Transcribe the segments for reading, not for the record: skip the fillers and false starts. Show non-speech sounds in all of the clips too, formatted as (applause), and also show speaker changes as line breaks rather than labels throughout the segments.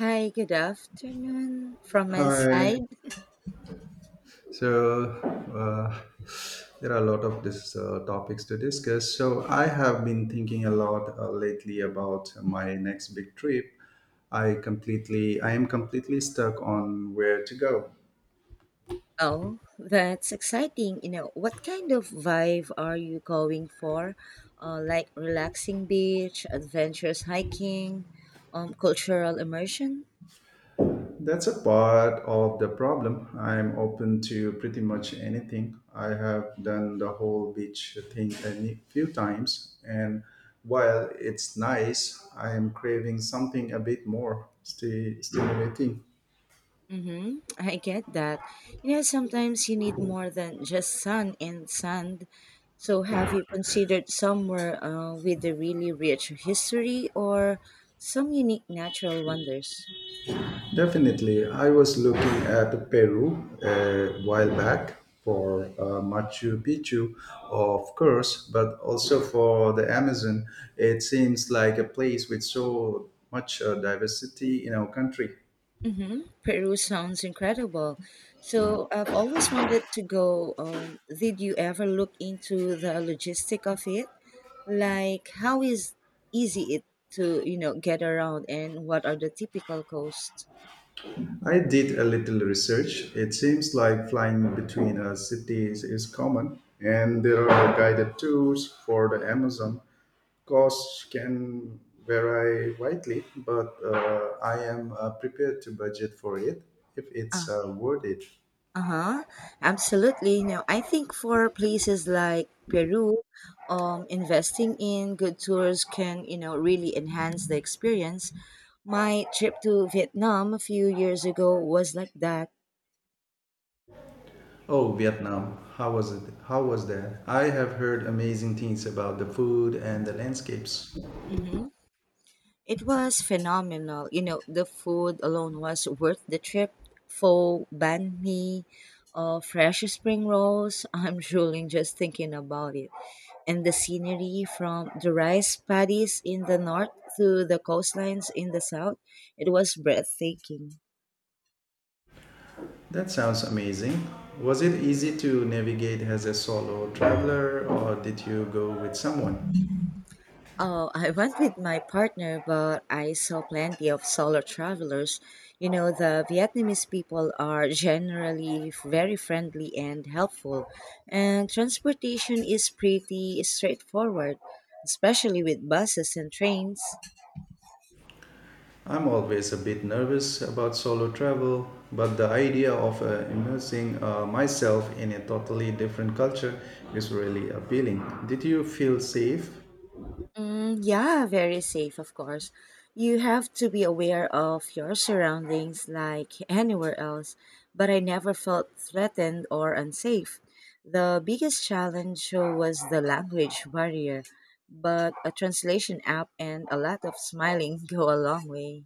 Hi, good afternoon from my
Hi.
side.
So uh, there are a lot of this topics to discuss. So I have been thinking a lot lately about my next big trip. I am completely stuck on where to go.
Oh, that's exciting. You know, what kind of vibe are you going for? Like relaxing beach, adventurous hiking, cultural immersion?
That's a part of the problem. I'm open to pretty much anything. I have done the whole beach thing a few times, and while it's nice, I am craving something a bit more stimulating.
Mm-hmm. I get that. You know, sometimes you need more than just sun and sand. So, have you considered somewhere with a really rich history or some unique natural wonders?
Definitely. I was looking at Peru a while back for Machu Picchu, of course, but also for the Amazon. It seems like a place with so much diversity in our country.
Hmm, Peru sounds incredible. So I've always wanted to go. Did you ever look into the logistic of it? Like how is easy it to get around and what are the typical costs?
I did a little research. It seems like flying between cities is common, and there are guided tours for the Amazon. Costs can vary widely, but I am prepared to budget for it if it's
Uh,
worth it.
uh-huh. Absolutely. Now, I think for places like Peru, investing in good tours can, you know, really enhance the experience. My trip to Vietnam a few years ago was like that.
Oh, Vietnam! How was it? How was that? I have heard amazing things about the food and the landscapes.
Mhm. It was phenomenal. You know, the food alone was worth the trip. Pho, banh mi, fresh spring rolls. (laughs) I'm drooling just thinking about it. And the scenery from the rice paddies in the north to the coastlines in the south, it was breathtaking.
That sounds amazing. Was it easy to navigate as a solo traveler or did you go with someone?
Oh, I went with my partner, but I saw plenty of solo travelers. You know, the Vietnamese people are generally very friendly and helpful, and transportation is pretty straightforward, especially with buses and trains.
I'm always a bit nervous about solo travel, but the idea of immersing myself in a totally different culture is really appealing. Did you feel safe?
Mm, yeah, very safe, of course. You have to be aware of your surroundings like anywhere else, but I never felt threatened or unsafe. The biggest challenge was the language barrier, but a translation app and a lot of smiling (laughs) go a long way.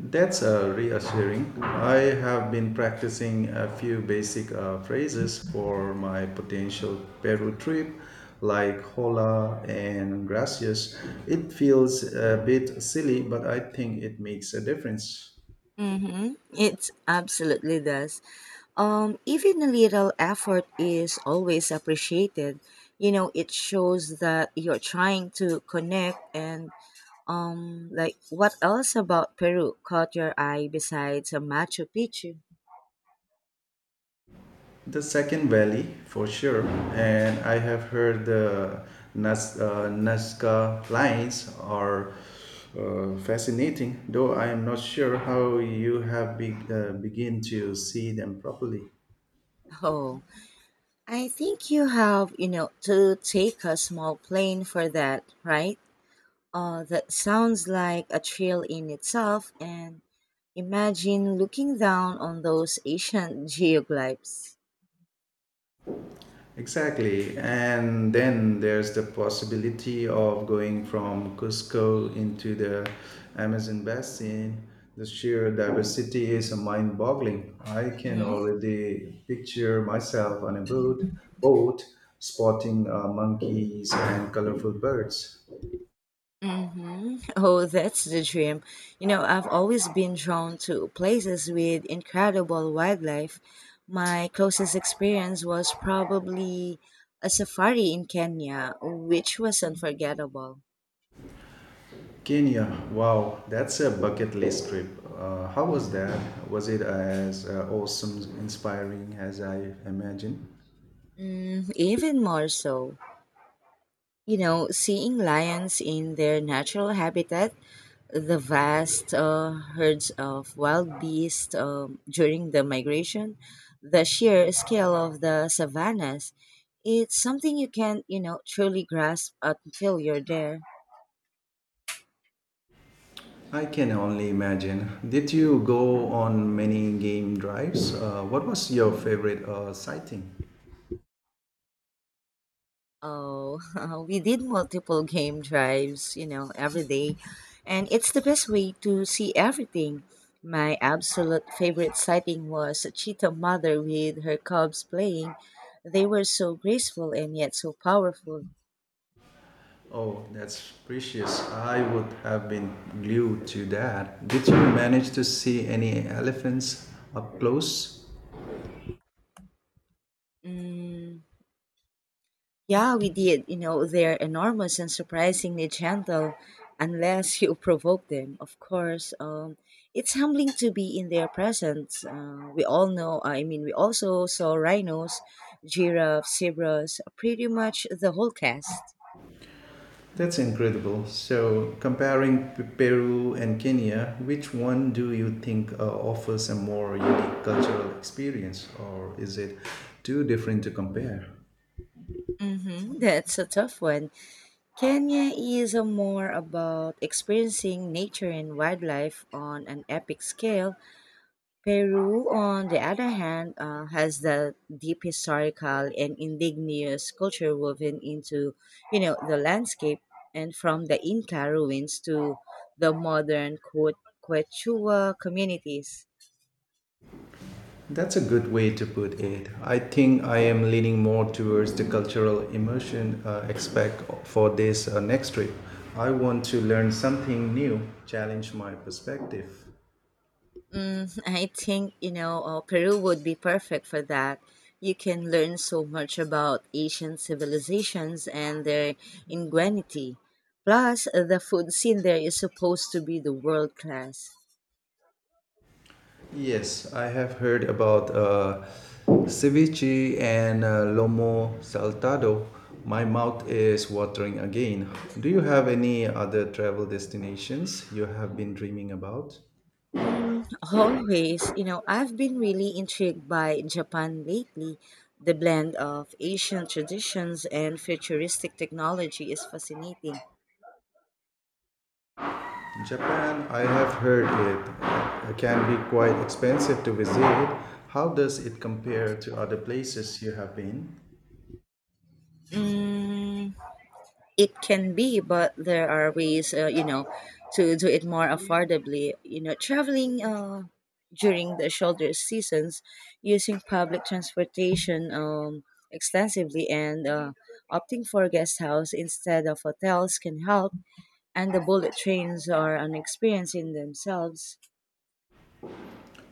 That's reassuring. I have been practicing a few basic phrases for my potential Peru trip, like hola and gracias. It feels a bit silly, but I think it makes a difference.
Mm-hmm. It absolutely does. Even a little effort is always appreciated. You know, it shows that you're trying to connect and, like, what else about Peru caught your eye besides a Machu Picchu?
The second valley, for sure, and I have heard the Nazca lines are fascinating, though I am not sure how you have begin to see them properly.
(laughs) Oh, I think you have, you know, to take a small plane for that, right? That sounds like a thrill in itself, and imagine looking down on those ancient (laughs) geoglyphs.
Exactly. And then there's the possibility of going from Cusco into the Amazon basin. The sheer diversity is mind boggling. I can
Mhm.
already picture myself on a boat, boat spotting monkeys and colorful birds.
Hmm. (laughs) Oh, that's the dream. You know, I've always been drawn to places with incredible wildlife. My closest experience was probably a safari in Kenya, which was unforgettable.
Kenya, wow, that's a bucket list trip. How was that? Was it as awesome, inspiring as I imagined?
Mm, even more so. You know, seeing lions in their natural habitat, the vast herds of wild beasts during the migration, the sheer scale of the savannas, it's something you can't, you know, truly grasp until you're there.
I can only imagine. Did you go on many game drives? What was your favorite sighting?
Oh, (laughs) we did multiple game drives, you know, every day, and it's the best way to see everything. My absolute favorite sighting was a cheetah mother with her cubs playing. They were so graceful and yet so powerful.
Oh, that's precious. I would have been glued to that. Did you manage to see any elephants up close?
Mm, yeah, we did. You know, they're enormous and surprisingly gentle, unless you (laughs) provoke them, of course. It's humbling to be in their presence. We all know, I mean, we also saw rhinos, giraffes, zebras, pretty much the whole cast.
That's incredible. So, comparing Peru and Kenya, which one do you think offers a more unique cultural experience, or is it too different to compare?
Hmm. (laughs) That's a tough one. Kenya is a more about experiencing nature and wildlife on an epic scale. Peru, on the other hand, has the deep historical and indigenous culture woven into, you know, the landscape, and from the Inca ruins to the modern Quechua communities.
That's a good way to put it. I think I am leaning more towards the cultural immersion aspect for this next trip. I want to learn something new, challenge my perspective.
Mm, (laughs) I think, you know, Peru would be perfect for that. You can learn so much about ancient civilizations and their ingenuity. Plus, the food scene there is supposed to be the world class.
Yes, I have heard about ceviche and lomo saltado. My mouth is watering again. Do you have any other travel destinations you have been dreaming about?
Mm, always, you know, I've been really intrigued by Japan lately. The blend of Asian traditions and futuristic technology is fascinating.
Japan, I have heard it can be quite expensive to visit. How does it compare to other places you have been?
Mm, it can be, but there are ways, you know, to do it more affordably. You know, traveling during the shoulder seasons, using public transportation extensively, and opting for guest house instead of hotels can help, and the bullet trains are an experience in themselves.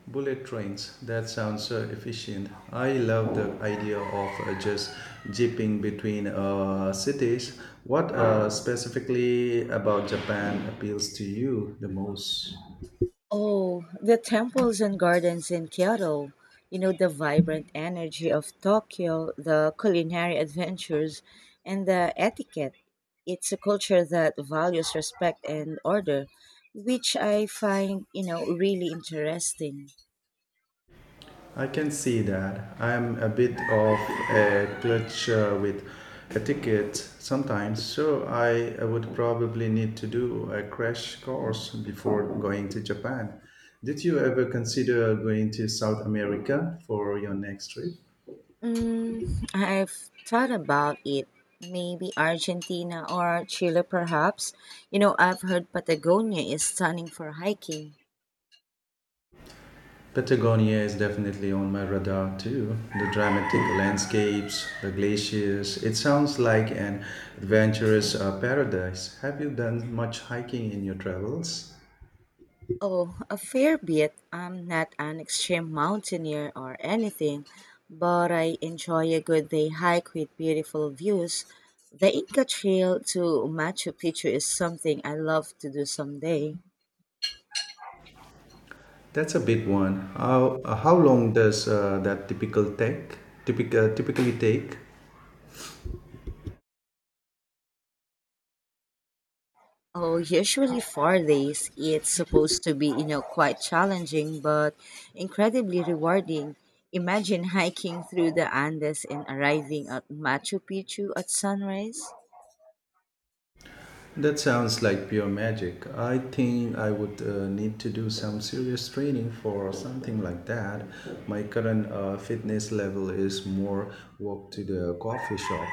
Bullet trains, that sounds so efficient. I love the idea of just jipping between cities. What specifically about Japan appeals to you the most?
Oh, the temples and gardens in Kyoto. You know, the vibrant energy of Tokyo, the culinary adventures, and the etiquette. It's a culture that values respect and order, which I find, you know, really interesting.
I can see that. I'm a bit of a clutcher with a ticket sometimes, so I would probably need to do a crash course before going to Japan. Did you ever consider going to South America for your next trip?
Mm, I've thought about it. Maybe Argentina or Chile, perhaps. You know, I've heard Patagonia is stunning for hiking.
Patagonia is definitely on my radar too. The dramatic landscapes, the glaciers, it sounds like an adventurous paradise. Have you done much hiking in your travels?
Oh, a fair bit. I'm not an extreme mountaineer or anything, but I enjoy a good day hike with beautiful views. The Inca Trail to Machu Picchu is something I love to do someday.
That's a big one. How long does that typically take.
Oh, usually 4 days. It's supposed to be, you know, quite challenging, but incredibly rewarding. Imagine hiking through the Andes and arriving at Machu Picchu at sunrise.
That sounds like pure magic. I think I would need to do some serious training for something like that. My current fitness level is more walk to the coffee shop.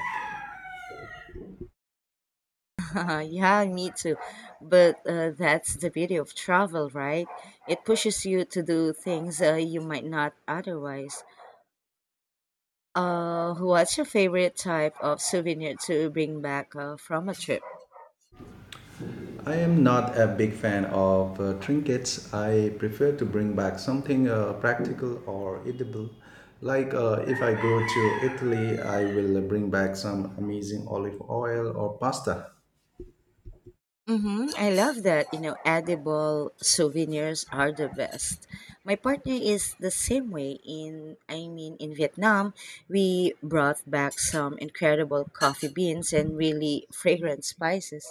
(laughs) Yeah, me too. But that's the beauty of travel, right? It pushes you to do things you might not otherwise. What's your favorite type of souvenir to bring back from a trip?
I am not a big fan of trinkets. I prefer to bring back something practical or edible. Like if I go to Italy, I will bring back some amazing olive oil or pasta.
Mm-hmm. I love that. You know, edible souvenirs are the best. My partner is the same way. In I mean, in Vietnam, we brought back some incredible coffee beans and really fragrant spices.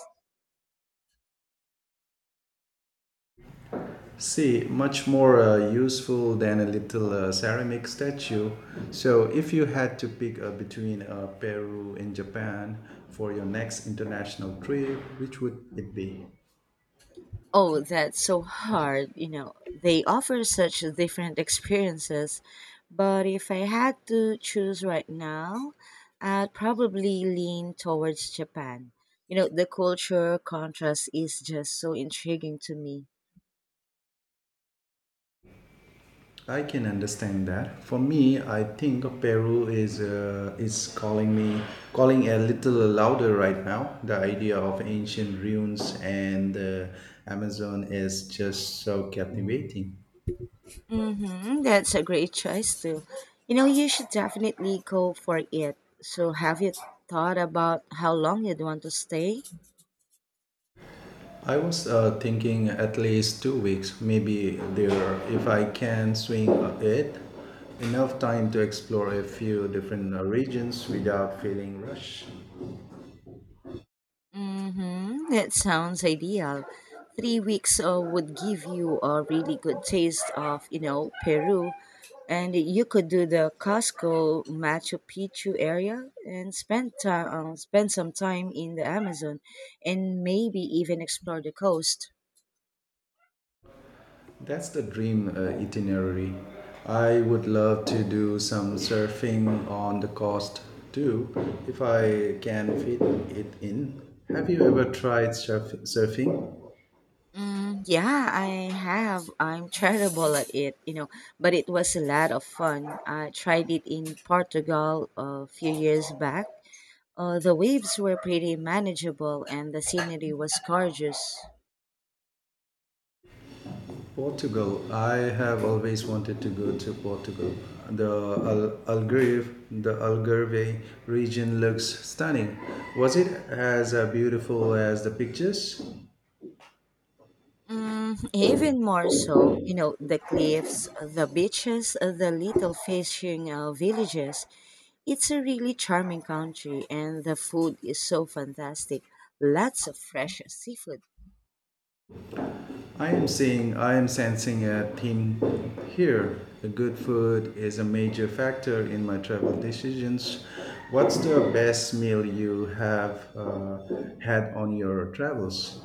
See, much more useful than a little ceramic statue. So, if you had to pick between Peru and Japan for your next international trip, which would it be?
Oh, that's so hard. You know, they offer such different experiences. But if I had to choose right now, I'd probably lean towards Japan. You know, the culture contrast is just so intriguing to me.
I can understand that. For me, I think Peru is calling me, calling a little louder right now. The idea of ancient ruins and the Amazon is just so captivating.
Mm-hmm, that's a great choice, too. You know, you should definitely go for it. So, have you thought about how long you'd want to stay?
I was thinking at least 2 weeks, maybe there, if I can swing it, enough time to explore a few different regions without feeling rushed.
Mm-hmm. That sounds ideal. 3 weeks would give you a really good taste of, you know, Peru. And you could do the Cusco Machu Picchu area and spend some time in the Amazon and maybe even explore the coast.
That's the dream itinerary. I would love to do some surfing on the coast too, if I can fit it in. Have you ever tried surfing?
Mm, yeah, I have. I'm terrible at it, you know, but it was a lot of fun. I tried it in Portugal a few years back. The waves were pretty manageable and the scenery was gorgeous.
Portugal. I have always wanted to go to Portugal. The Algarve region looks stunning. Was it as beautiful as the pictures?
Mm, even more so. You know, the cliffs, the beaches, the little fishing villages. It's a really charming country and the food is so fantastic. Lots of fresh seafood.
I am sensing a theme here. The good food is a major factor in my travel decisions. What's the best meal you have had on your travels?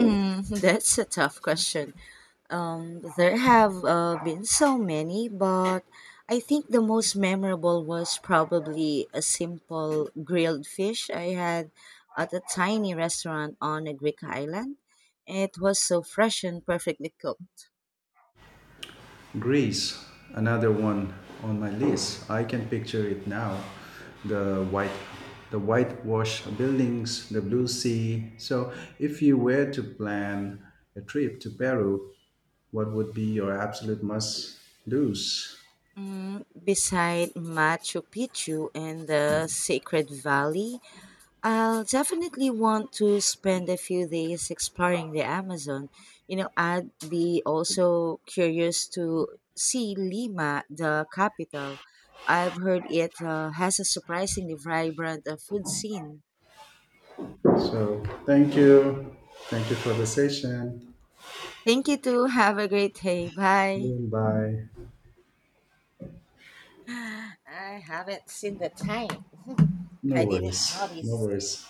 Mm, (laughs) that's a tough question. There have been so many, but I think the most memorable was probably a simple grilled fish I had at a tiny restaurant on a Greek island. It was so fresh and perfectly cooked.
Greece, another one on my list. I can picture it now. The white, the whitewashed buildings, the blue sea. So, if you were to plan a trip to Peru, what would be your absolute must-dos?
Mm, beside Machu Picchu and the Sacred Valley, I'll definitely want to spend a few days exploring the Amazon. You know, I'd be also curious to see Lima, the capital. I've heard it has a surprisingly vibrant food scene.
So thank you. Thank you for the session.
Thank you too. (laughs) Have a great day. Bye.
Bye.
(sighs) I haven't seen the time. (laughs)
No
I didn't
worries. No
notice.
worries.